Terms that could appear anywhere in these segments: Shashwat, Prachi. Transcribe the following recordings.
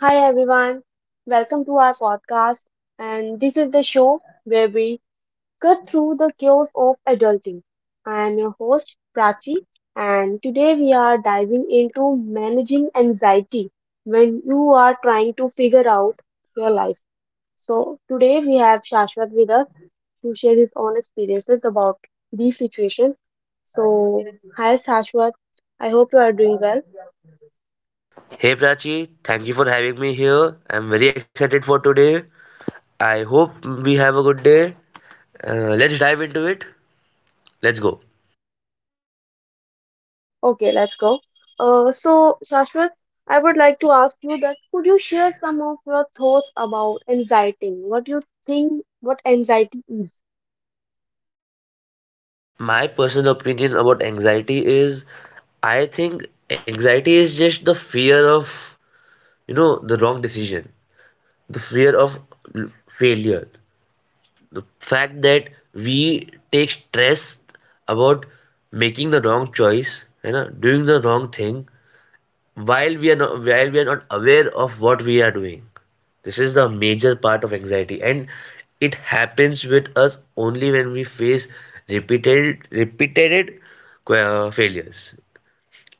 Hi everyone, welcome to our podcast. And this is the show where we cut through the chaos of adulting. I am your host Prachi, and today we are diving into managing anxiety when you are trying to figure out your life. So, today we have Shashwat with us to share his own experiences about these situations. So, hi Shashwat, I hope you are doing well. Hey Prachi, thank you for having me here. I'm very excited for today. I hope we have a good day. Let's dive into it. Let's go. Okay, let's go. Shashwat, I would like to ask you that could you share some of your thoughts about anxiety? What do you think what anxiety is? My personal opinion about anxiety is I think anxiety is just the fear of, you know, the wrong decision, the fear of failure, the fact that we take stress about making the wrong choice, you know, doing the wrong thing while we are not aware of what we are doing. This is the major part of anxiety, and it happens with us only when we face repeated failures.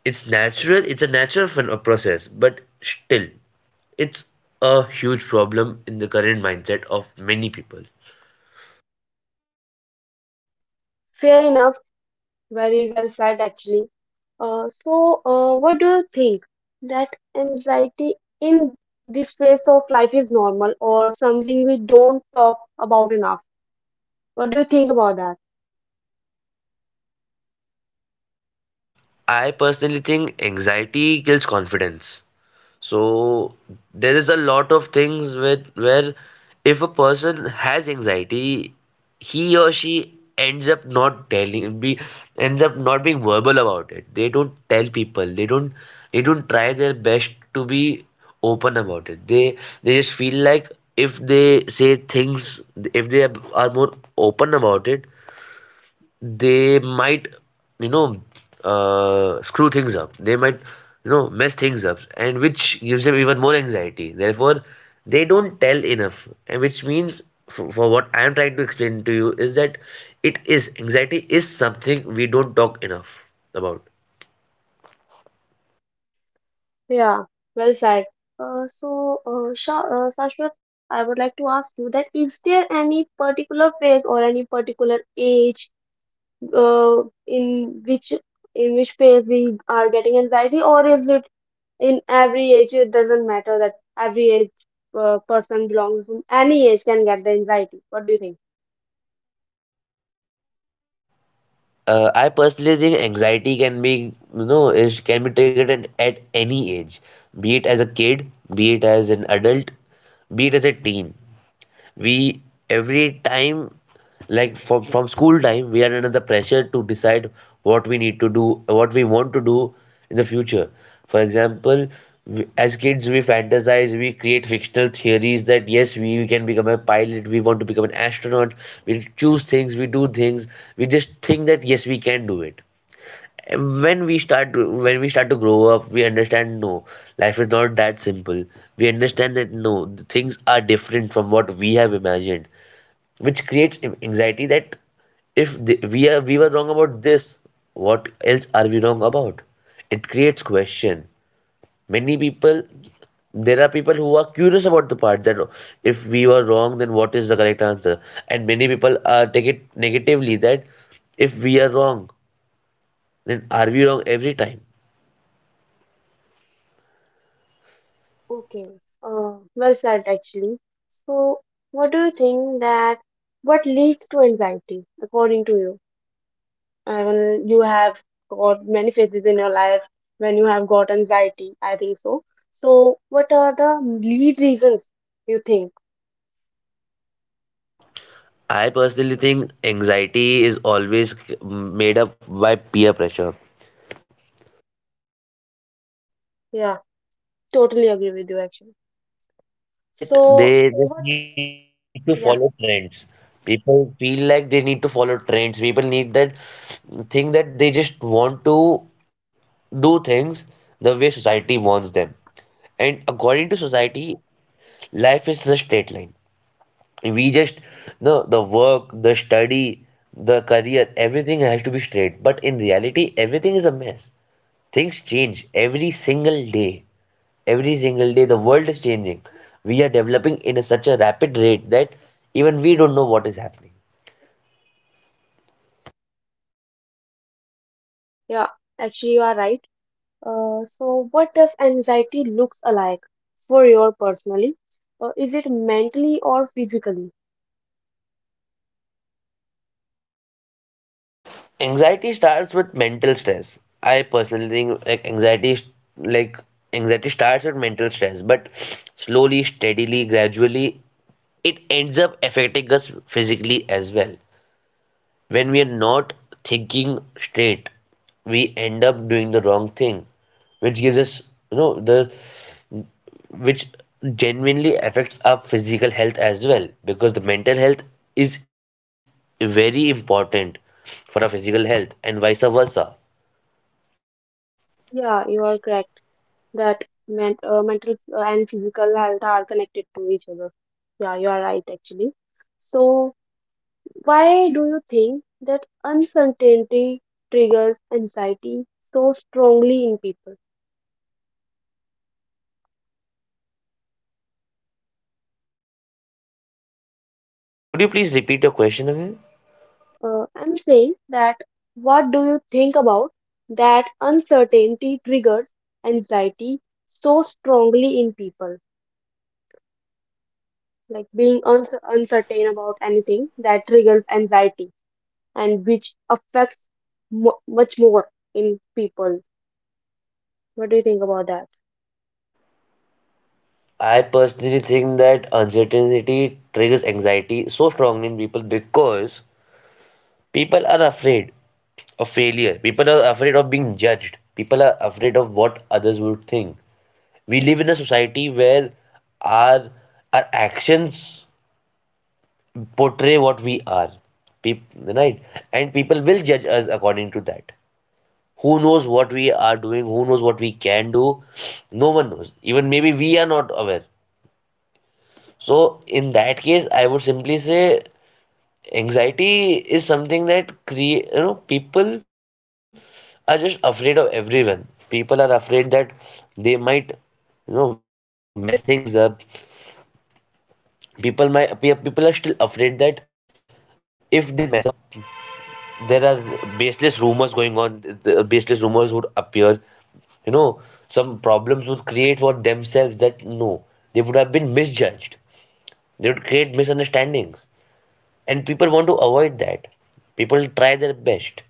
It's natural, it's a natural process, but still it's a huge problem in the current mindset of many people. Fair enough, very well said actually. What do you think that anxiety in this phase of life is normal or something we don't talk about enough? What do you think about that? I personally think anxiety kills confidence. So there is a lot of things with where if a person has anxiety, he or she ends up not being verbal about it. They don't tell people. They don't try their best to be open about it. They just feel like if they say things, if they are more open about it, they might, you know, screw things up, they might, you know, mess things up, and which gives them even more anxiety, therefore they don't tell enough, and which means for what I am trying to explain to you is that it is anxiety is something we don't talk enough about. Yeah, well said. Shashwat, I would like to ask you that is there any particular phase or any particular age uh, in which in which phase we are getting anxiety, or is it in every age? It doesn't matter that every age person belongs to any age can get the anxiety. What do you think? I personally think anxiety can be, you know, is can be triggered at any age, be it as a kid, be it as an adult, be it as a teen. We every time like from school time we are under the pressure to decide what we need to do, what we want to do in the future. For example, we, as kids, we fantasize, we create fictional theories that yes, we can become a pilot, we want to become an astronaut. We choose things, we do things, we just think that yes, we can do it. When we start to grow up, we understand no, life is not that simple. We understand that no, the things are different from what we have imagined, which creates anxiety that if the, we are we were wrong about this, what else are we wrong about. It creates question. Many people, there are people who are curious about the part that if we were wrong, then what is the correct answer. And many people are take it negatively that if we are wrong, then are we wrong every time. Okay, well said actually. So, what do you think that what leads to anxiety according to you? And you have got many phases in your life when you have got anxiety I think so, so what are the lead reasons you think? I personally think anxiety is always made up by peer pressure. Yeah, totally agree with you actually. People think that So they what? just need to follow Yeah. trends. People feel like they need to follow trends. People need that think that they just want to do things the way society wants them. And according to society, life is a straight line. We just no the work, the study, the career, everything has to be straight. But in reality, everything is a mess. Things change every single day. Every single day, the world is changing. We are developing in a, such a rapid rate that even we don't know what is happening. Yeah, actually you are right. So what does anxiety looks alike for your personally? Is it mentally or physically? Anxiety starts with mental stress. I personally think like like anxiety starts with mental stress, but slowly, steadily, gradually, it ends up affecting us physically as well. When we are not thinking straight, we end up doing the wrong thing which gives us, you know, the which genuinely affects our physical health as well, because the mental health is very important for our physical health and vice versa. Yeah you are correct that mental and physical health are connected to each other. Yeah you are right actually. So why do you think that uncertainty triggers anxiety so strongly in people? Could you please repeat your question again? I'm saying that what do you think about that uncertainty triggers anxiety so strongly in people? Like being uncertain about anything that triggers anxiety and which affects much more in people. What do you think about that? I personally think that uncertainty triggers anxiety so strongly in people because people are afraid of failure. People are afraid of being judged. People are afraid of what others would think. We live in a society where our our actions portray what we are, people, right, and people will judge us according to that. Who knows what we are doing, who knows what we can do. No one knows, even maybe we are not aware. So in that case, I would simply say anxiety is something that create, you know, people are just afraid of everyone. People are afraid that they might, you know, mess things up. People are still afraid that if they mess up, there are baseless rumors going on, the baseless rumors would appear, you know, some problems would create for themselves that no, they would have been misjudged, they would create misunderstandings, and people want to avoid that. People try their best,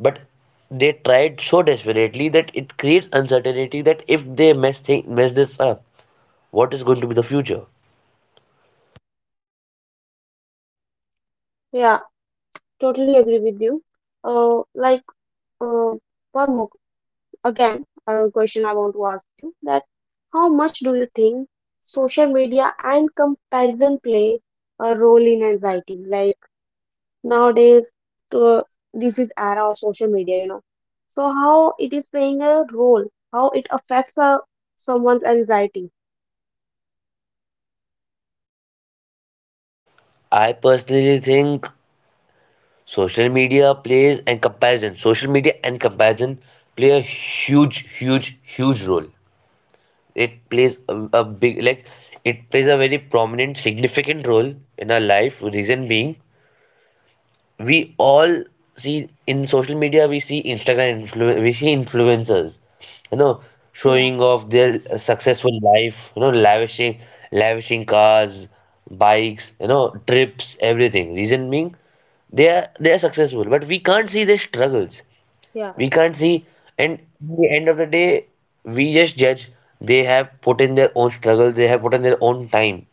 but they tried so desperately that it creates uncertainty that if they mess this up, what is going to be the future. Yeah, totally agree with you. Uh, like, uh, one more again a question I want to ask you that how much do you think social media and comparison play a role in anxiety like nowadays to, this is era of social media you know, so how it is playing a role, how it affects someone's anxiety? I personally think Social media plays and comparison. Social media and comparison play a huge, huge, huge role. It plays a big, like, it plays a very prominent, significant role in our life. Reason being, we all see in social media, we see we see influencers, you know, Yeah. showing off their successful life, you know, lavishing cars, bikes, you know, trips, everything. Reason being, they are successful, but we can't see their struggles. Yeah, We can't see, and in the end of the day, we just judge. They have put in their own struggle, they have put in their own time,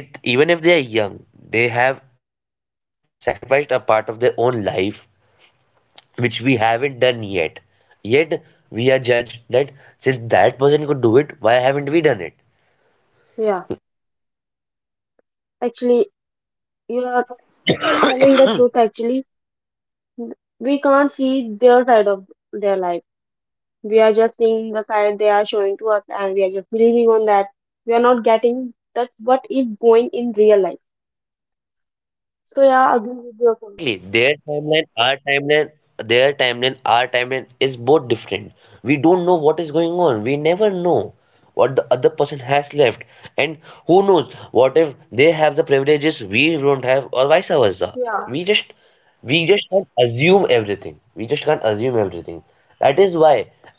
be it even if they are young, they have sacrificed a part of their own life, which we haven't done yet. Yet we are judged that since that person could do it, why haven't we done it? yeah, actually you are telling the truth actually. We can't see their side of their life, we are just seeing the side they are showing to us and we are just believing on that. We are not getting that what is going in real life. So yeah, I agree with your point. Exactly. Their timeline, our timeline is both different. We don't know what is going on. We never know what the other person has left. And who knows, what if they have the privileges we don't have, or vice versa. Yeah, We just we just can't assume everything, that is why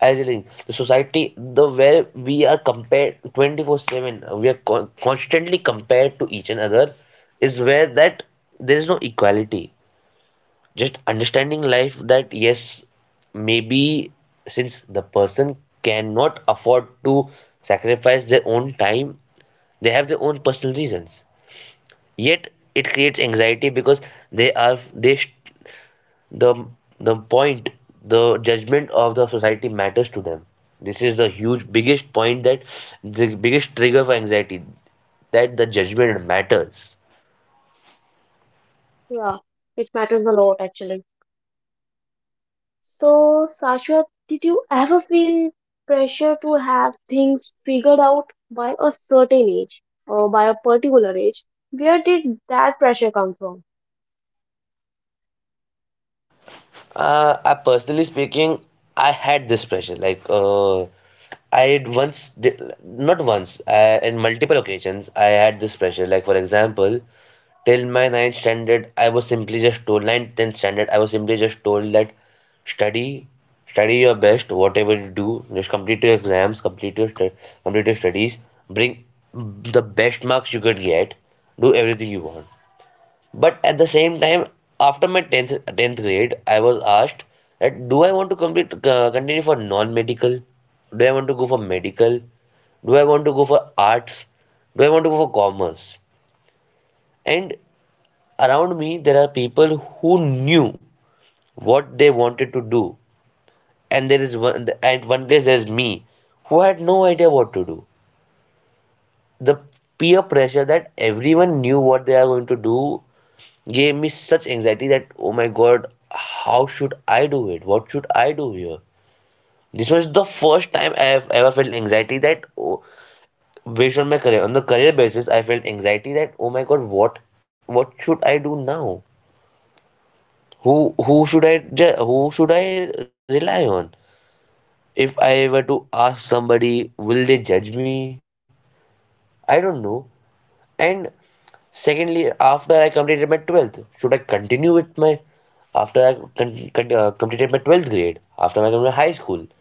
I really think the society the where we are compared 24 7, we are constantly compared to each another, is where that there is no equality. Just understanding life that yes, maybe since the person cannot afford to sacrifice their own time, they have their own personal reasons, yet it creates anxiety because they are they the the point, the judgment of the society matters to them. This is the huge biggest point that the biggest trigger for anxiety, that the judgment matters. yeah, it matters a lot actually. So Sashwat, did you ever feel pressure to have things figured out by a certain age or by a particular age? Where did that pressure come from? I personally speaking, I had this pressure. Like, I had once did, not once, in multiple occasions, I had this pressure. Like, for example, till my ninth standard, I was simply just told, tenth standard, I was simply just told that study, study your best, whatever you do, just complete your exams, complete your studies, bring the best marks you could get, do everything you want. But at the same time, after my 10th grade, I was asked that do I want to complete continue for non-medical? Do I want to go for medical? Do I want to go for arts? Do I want to go for commerce? And around me, there are people who knew what they wanted to do. And one place there's me who had no idea what to do. The peer pressure that everyone knew what they are going to do gave me such anxiety that oh my god, how should I do it, what should I do here. This was the first time I have ever felt anxiety that oh, based on my career on the career basis I felt anxiety that oh my god, what should I do now, who should I rely on, if I were to ask somebody will they judge me, I don't know. And secondly, after I completed my 12th, should I continue with my after I con con completed my 12th grade, after I completed high school,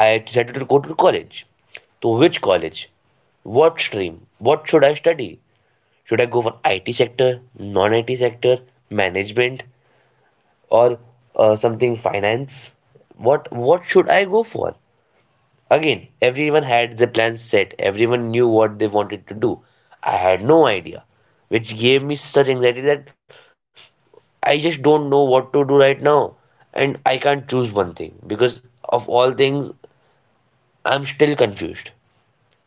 I decided to go to college. To which college? What stream? What should I study? Should I go for IT sector, non-IT sector, management, or something finance? What should I go for? Again, everyone had their plans set, everyone knew what they wanted to do. I had no idea, which gave me such anxiety that I just don't know what to do right now, and I can't choose one thing because of all things, I'm still confused.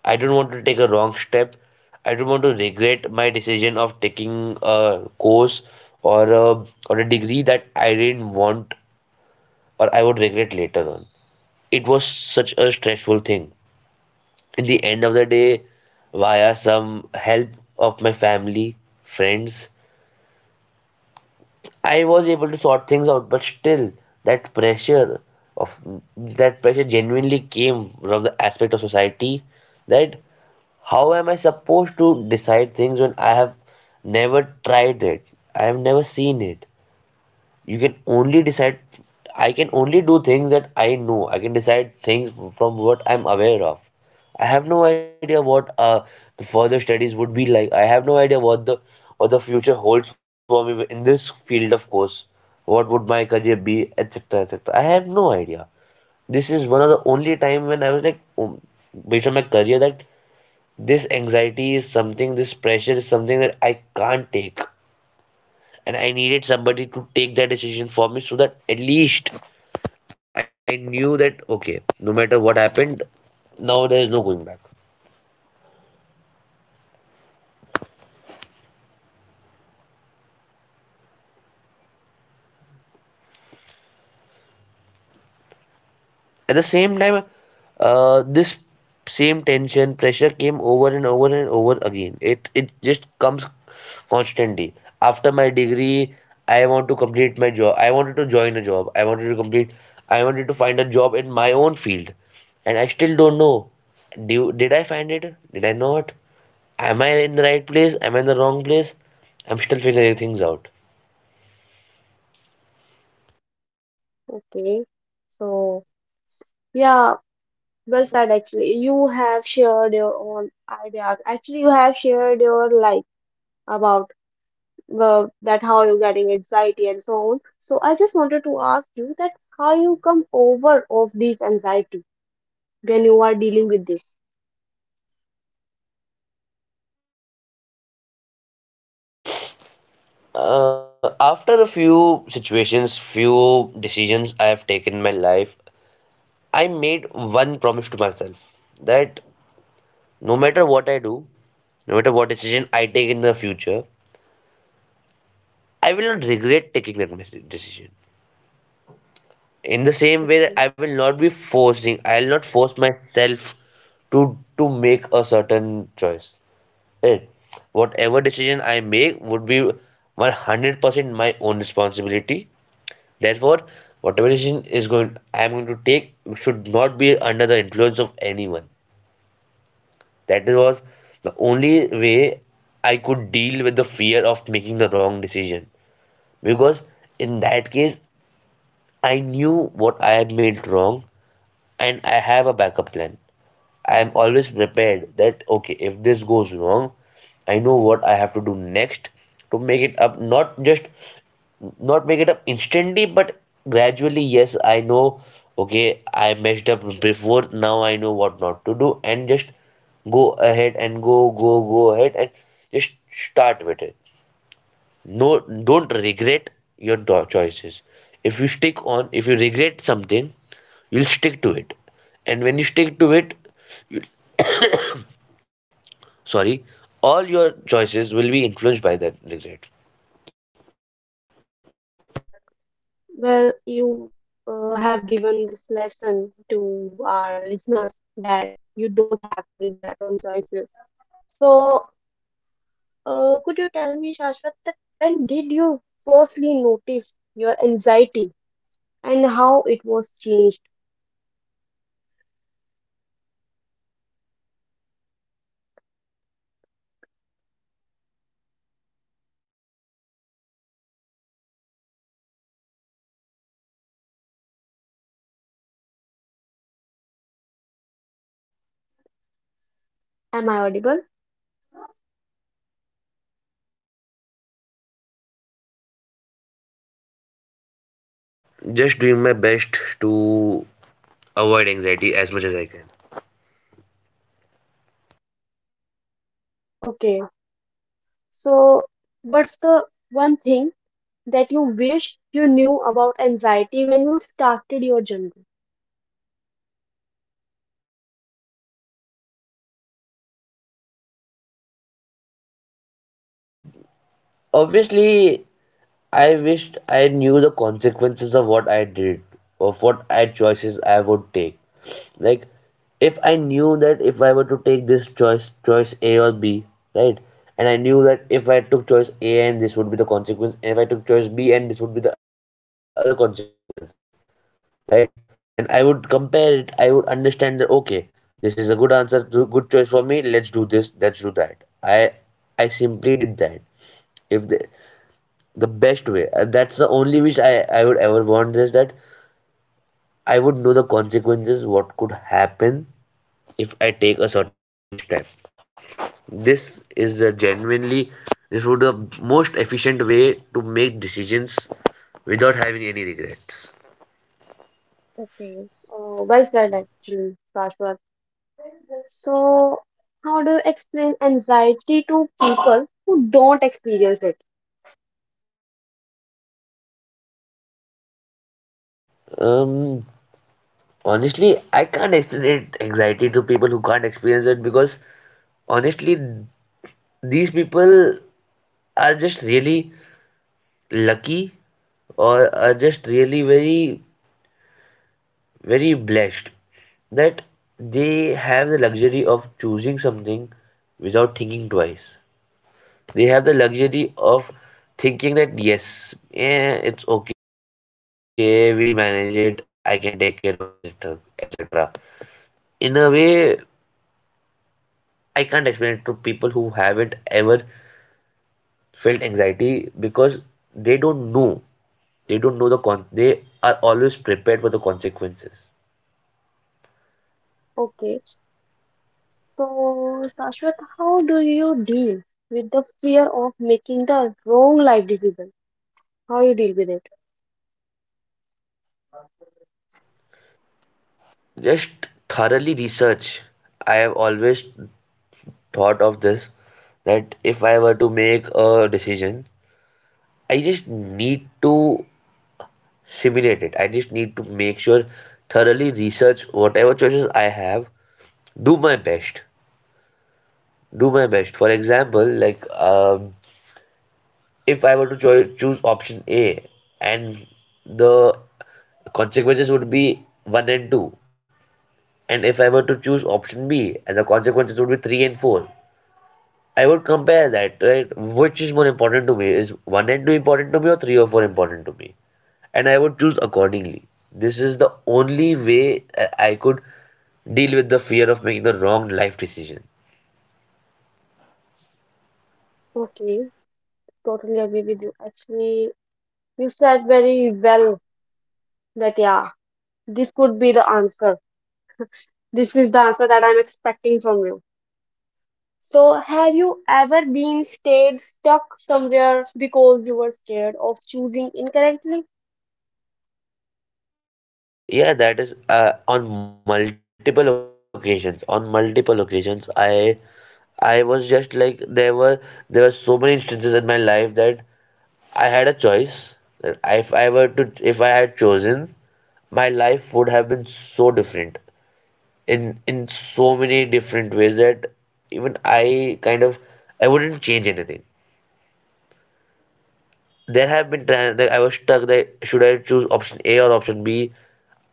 I don't want to take a wrong step, I don't want to regret my decision of taking a course or a, or a degree that I didn't want or I would regret later on. It was such a stressful thing. In the end of the day, via some help of my family, friends, I was able to sort things out, but still that pressure of that pressure genuinely came from the aspect of society. That how am I supposed to decide things when I have never tried it, I have never seen it. You can only decide, I can only do things that I know. I can decide things from what I'm aware of. I have no idea what the further studies would be like. I have no idea what the future holds for me in this field, of course. What would my career be, et cetera, et cetera? I have no idea. This is one of the only time when I was like, based on my career, that this anxiety is something, this pressure is something that I can't take, and I needed somebody to take that decision for me, so that at least I knew that okay, no matter what happened, now there is no going back. Okay, well said actually, Shashwat. I just wanted to ask you, as you said that you have goals such as anxiety in particular certain ages, At the and you same have, time, yeah, this same tension, pressure came over and over and over again. It just comes constantly. After my degree, I want to complete my job. I wanted to join a job. I wanted to complete. I wanted to find a job in my own field, and I still don't know. Did I find it? Did I not? Am I in the right place? Am I in the wrong place? I'm still figuring things out. okay. So, yeah, well said actually. You have shared your own ideas. Actually, you have shared your life about that how you're getting anxiety and so on. So, I just wanted to ask you that how you come over of this anxiety when you are dealing with this. After the few situations, few decisions I have taken in my life, I made one promise to myself that no matter what I do, no matter what decision I take in the future, I will not regret taking that decision. In the same way Okay. that I will not be forcing, I will not force myself to make a certain choice. Right? Whatever decision I make would be 100% my own responsibility. Therefore, whatever decision is going I am going to take should not be under the influence of anyone. That was the only way I could deal with the fear of making the wrong decision. Because in that case, I knew what I had made wrong, and I have a backup plan. I am always prepared that okay, if this goes wrong, I know what I have to do next to make it up, not just not make it up instantly, but gradually. Yes, I know, okay, I messed up before, now I know what not to do, and just go ahead and go ahead and just start with it. No, don't regret your choices. If you stick on, if you regret something, you'll stick to it. And when you stick to it, sorry, all your choices will be influenced by that regret. Well, you have given this lesson to our listeners that you don't have to regret on choices. So, could you tell me, Shashwat, that when did you firstly notice your anxiety and how it was changed? That's my point. Till now I have been trying my best to control anxiety, like, you know, avoid Am anxiety I this audible? way. Yeah, you are audible. Just doing my best to avoid anxiety as much as I can. Okay. So, what's the one thing that you wish you knew about anxiety when you started your journey? um obviously, I wished I knew the consequences of what I did, of what I choices I would take. Like, if I knew that if I were to take this choice, choice A or B, right? And I knew that if I took choice A and this would be the consequence, and if I took choice B and this would be the other consequence, right? And I would compare it, I would understand that okay, this is a good answer, good choice for me, let's do this, let's do that. I simply did that. If the best way, and that's the only wish I would ever want is that I would know the consequences what could happen if I take a certain step. This is the genuinely, this would be the most efficient way to make decisions without having any regrets. Okay. Well said, actually, Shashwat. So, how do you explain anxiety to people who don't experience it? um honestly, I can't explain it anxiety to people who can't experience it, because honestly, these people are just really lucky, or are just really very blessed, that they have the luxury of choosing something without thinking twice. They have the luxury of thinking that yes, it's okay, we'll manage it, I can take care of it, etc. etc. In a way, I can't explain it to people who haven't ever felt anxiety because they don't know. They don't know the con. They are always prepared for the consequences. Okay. So, Sashwat, how do you deal with the fear of making the wrong life decision? How you deal with it? Just thoroughly research. I have always thought of this that if I were to make a decision, I just need to simulate it. I just need to make sure, thoroughly research whatever choices I have, do my best. Do my best. For example, like, if I were to choose option A, and the consequences would be 1 and 2, and if I were to choose option B and the consequences would be 3 and 4, I would compare that, right? Which is more important to me? Is one and two important to me, or three or four important to me? And I would choose accordingly. This is the only way I could deal with the fear of making the wrong life decision. Okay, totally agree with you. Actually, you said very well that yeah, this could be the answer. This is the answer that I'm expecting from you. So, have you ever been stayed stuck somewhere because you were scared of choosing incorrectly? Yeah, that is on multiple occasions. On multiple occasions, I was just like, there were so many instances in my life that I had a choice. That if I were to, if I had chosen, my life would have been so different, in so many different ways, that even I kind of, I wouldn't change anything. There have been times that I was stuck, that should I choose option A or option B?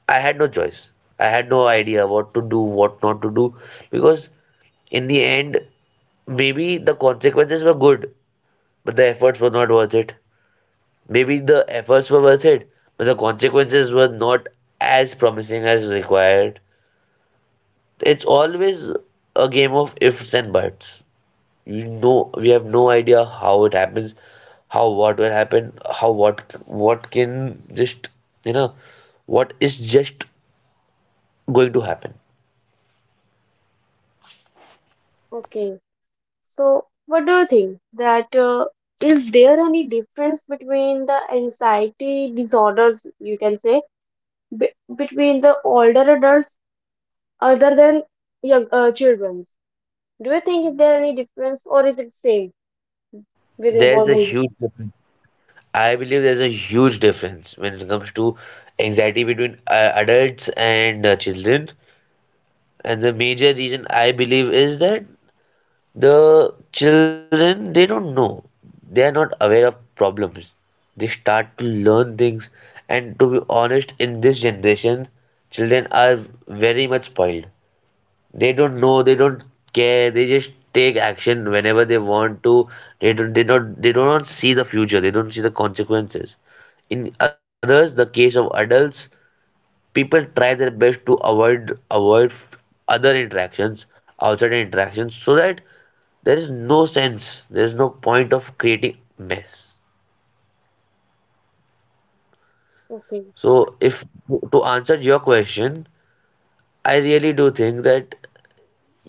I had no choice. I had no idea what to do, what not to do, because in the end, maybe the consequences were good, but the efforts were not worth it. Maybe the efforts were worth it, but the consequences were not as promising as required. It's always a game of ifs and buts. We know, we have no idea how it happens, how what will happen, how what can just, you know, what is just going to happen. Okay, so what do you think that is there any difference between the anxiety disorders you can say b between the older adults other than young children's? Do you think is there any difference or is it same within There's both a huge generation? difference. I believe there's a huge difference when it comes to anxiety between adults and children. And the major reason I believe is that the children, they don't know, they are not aware of problems. They start to learn things, and to be honest, in this generation, children are very much spoiled. They don't know, they don't care, they just take action whenever they want to. They don't, they not, they do not see the future, they don't see the consequences. In others, the case of adults, people try their best to avoid other interactions, outside interactions, so that there is no sense, there is no point of creating mess. Okay, So if, to answer your question, I really do think that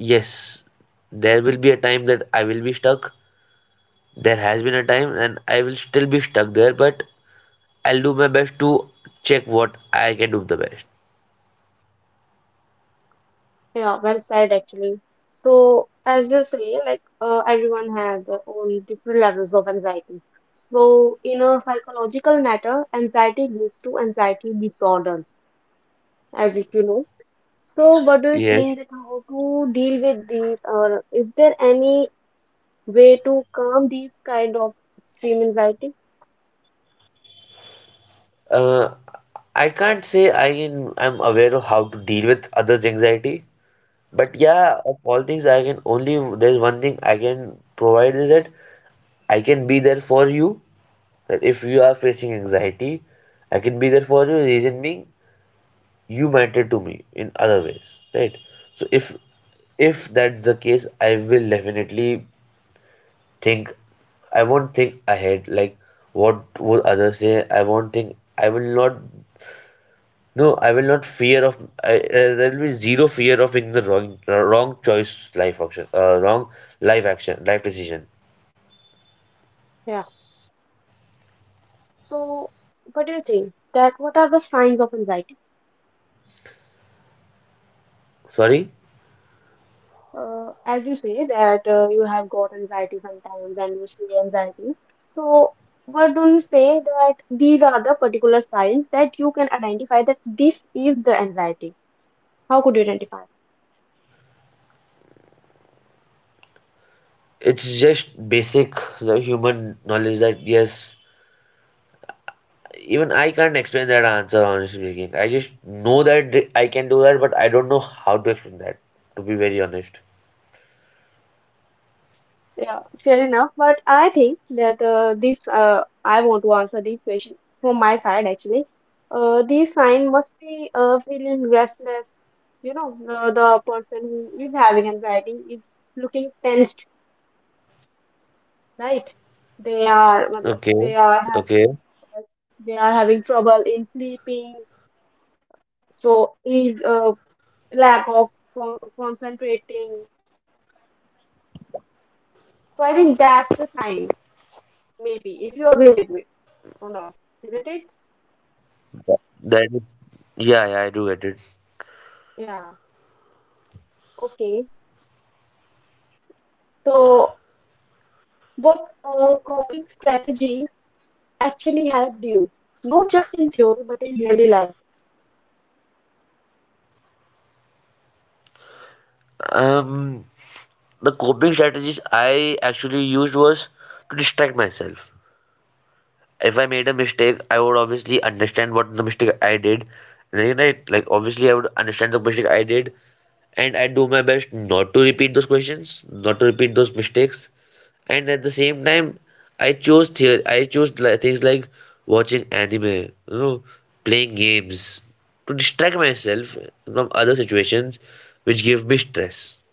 yes, there will be a time that I will be stuck. There has been a time and I will still be stuck there, but I'll do my best to check what I can do the best. yeah, well said actually. So as you say, like everyone has their own different levels of anxiety. So in a psychological matter, anxiety leads to anxiety disorders as if you know. So, what do you Yes. think that how to deal with these, or is there any way to calm these kind of extreme anxiety? Uh, I can't say I am, I'm aware of how to deal with others' anxiety, but yeah, of all things, I can only, there's one thing I can provide is that I can be there for you. That if you are facing anxiety, I can be there for you. Reason being, you matter to me in other ways, right? So if that's the case, I will definitely think. I won't think ahead like what would others say. I won't think. I will not, no, I will not fear of. I, there will be zero fear of making the wrong choice, life action, wrong life action, life decision. Yeah. So, what do you think that what are the signs of anxiety? Sorry, As you say that you have got anxiety sometimes and you see anxiety. So, what do you say that these are the particular signs that you can identify that this is the anxiety? How could you identify? it's just basic the human knowledge that yes, even I can't explain that answer honestly speaking. I just know that I can do that, but I don't know how to explain that. To be very honest. Yeah, fair enough. But I think that I want to answer this question from my side actually. This sign must be feeling restless. You know, the person who is having anxiety is looking tensed, right? Okay, They are, okay. matlab, uh, they are having trouble in sleeping. So is lack of concentrating. So I think that's the signs. Maybe if you agree with me or not, isn't it? That, that yeah, yeah, I do get it. Yeah. Okay, so what coping strategies actually helped you? Not just in theory, but in daily life. Um, The coping strategies I actually used was to distract myself. If I made a mistake, I would obviously understand what the mistake I did. Right? Right? Like obviously I would understand the mistake I did, and I do my best not to repeat those questions, not to repeat those mistakes. And at the same time, I chose theory, I chose things like watching anime, you know, playing games, to distract myself from other situations which give me stress.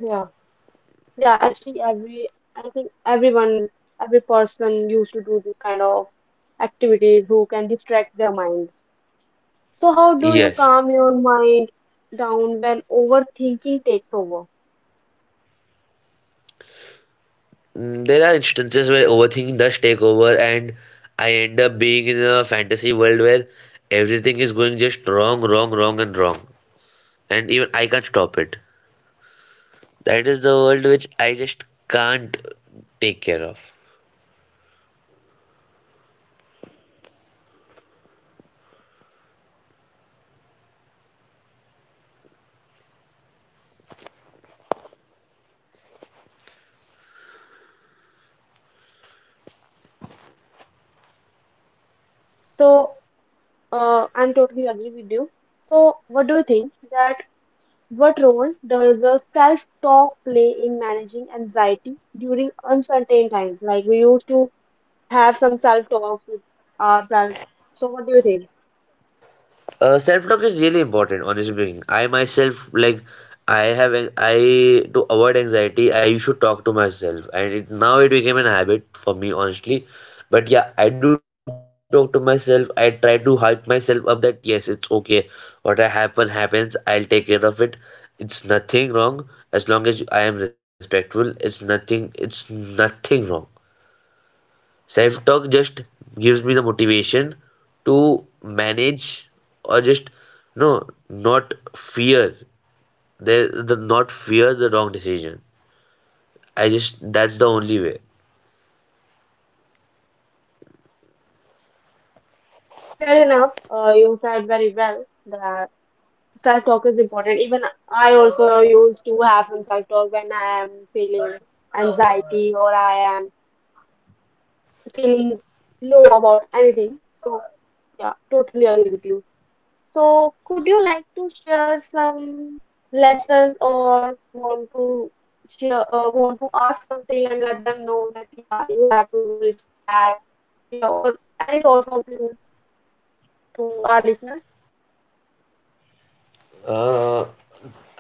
Yeah, yeah. Actually, every I think everyone, every person used to do this kind of activities who can distract their mind. So how do you Yes. calm your mind down when overthinking takes over? Mm, there are instances where overthinking does take over, and I end up being in a fantasy world where everything is going just wrong, wrong, wrong, and wrong. And even I can't stop it. That is the world which I just can't take care of. So I'm totally agree with you. So what do you think that? What role does the self talk play in managing anxiety during uncertain times? Like we used to have some self talks with ourselves. So, what do you think? Self-talk is really important, honestly speaking. I myself, like, I have, I, to avoid anxiety, I should talk to myself, and it, now it became an habit for me, honestly. But yeah, I do talk to myself. I try to hype myself up that yes, it's okay. What happen happens. I'll take care of it. It's nothing wrong as long as I am respectful. It's nothing. It's nothing wrong. Self talk just gives me the motivation to manage, or just no, not fear the, not fear the wrong decision. I just that's the only way. Fair enough. You said very well that self talk is important. Even I also used to have some self talk when I am feeling anxiety or I am feeling low about anything. So, yeah, totally agree with you. So, could you like to share some lessons or want to share, want to ask something and let them know that yeah, you have to do this or that, yeah, or any thoughts of you to our listeners? Uh,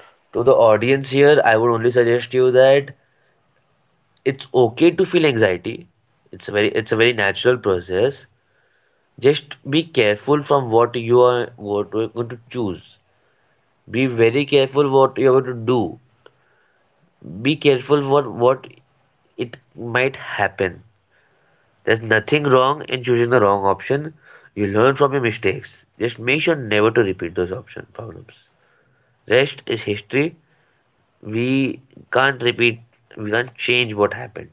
to the audience here, I would only suggest you that it's okay to feel anxiety. It's a very natural process. Just be careful from what you are what you're going to choose. Be very careful what you're going to do. Be careful for what it might happen. There's nothing wrong in choosing the wrong option. You learn from your mistakes. Just make sure never to repeat those option problems. Rest is history. We can't repeat. We can't change what happened.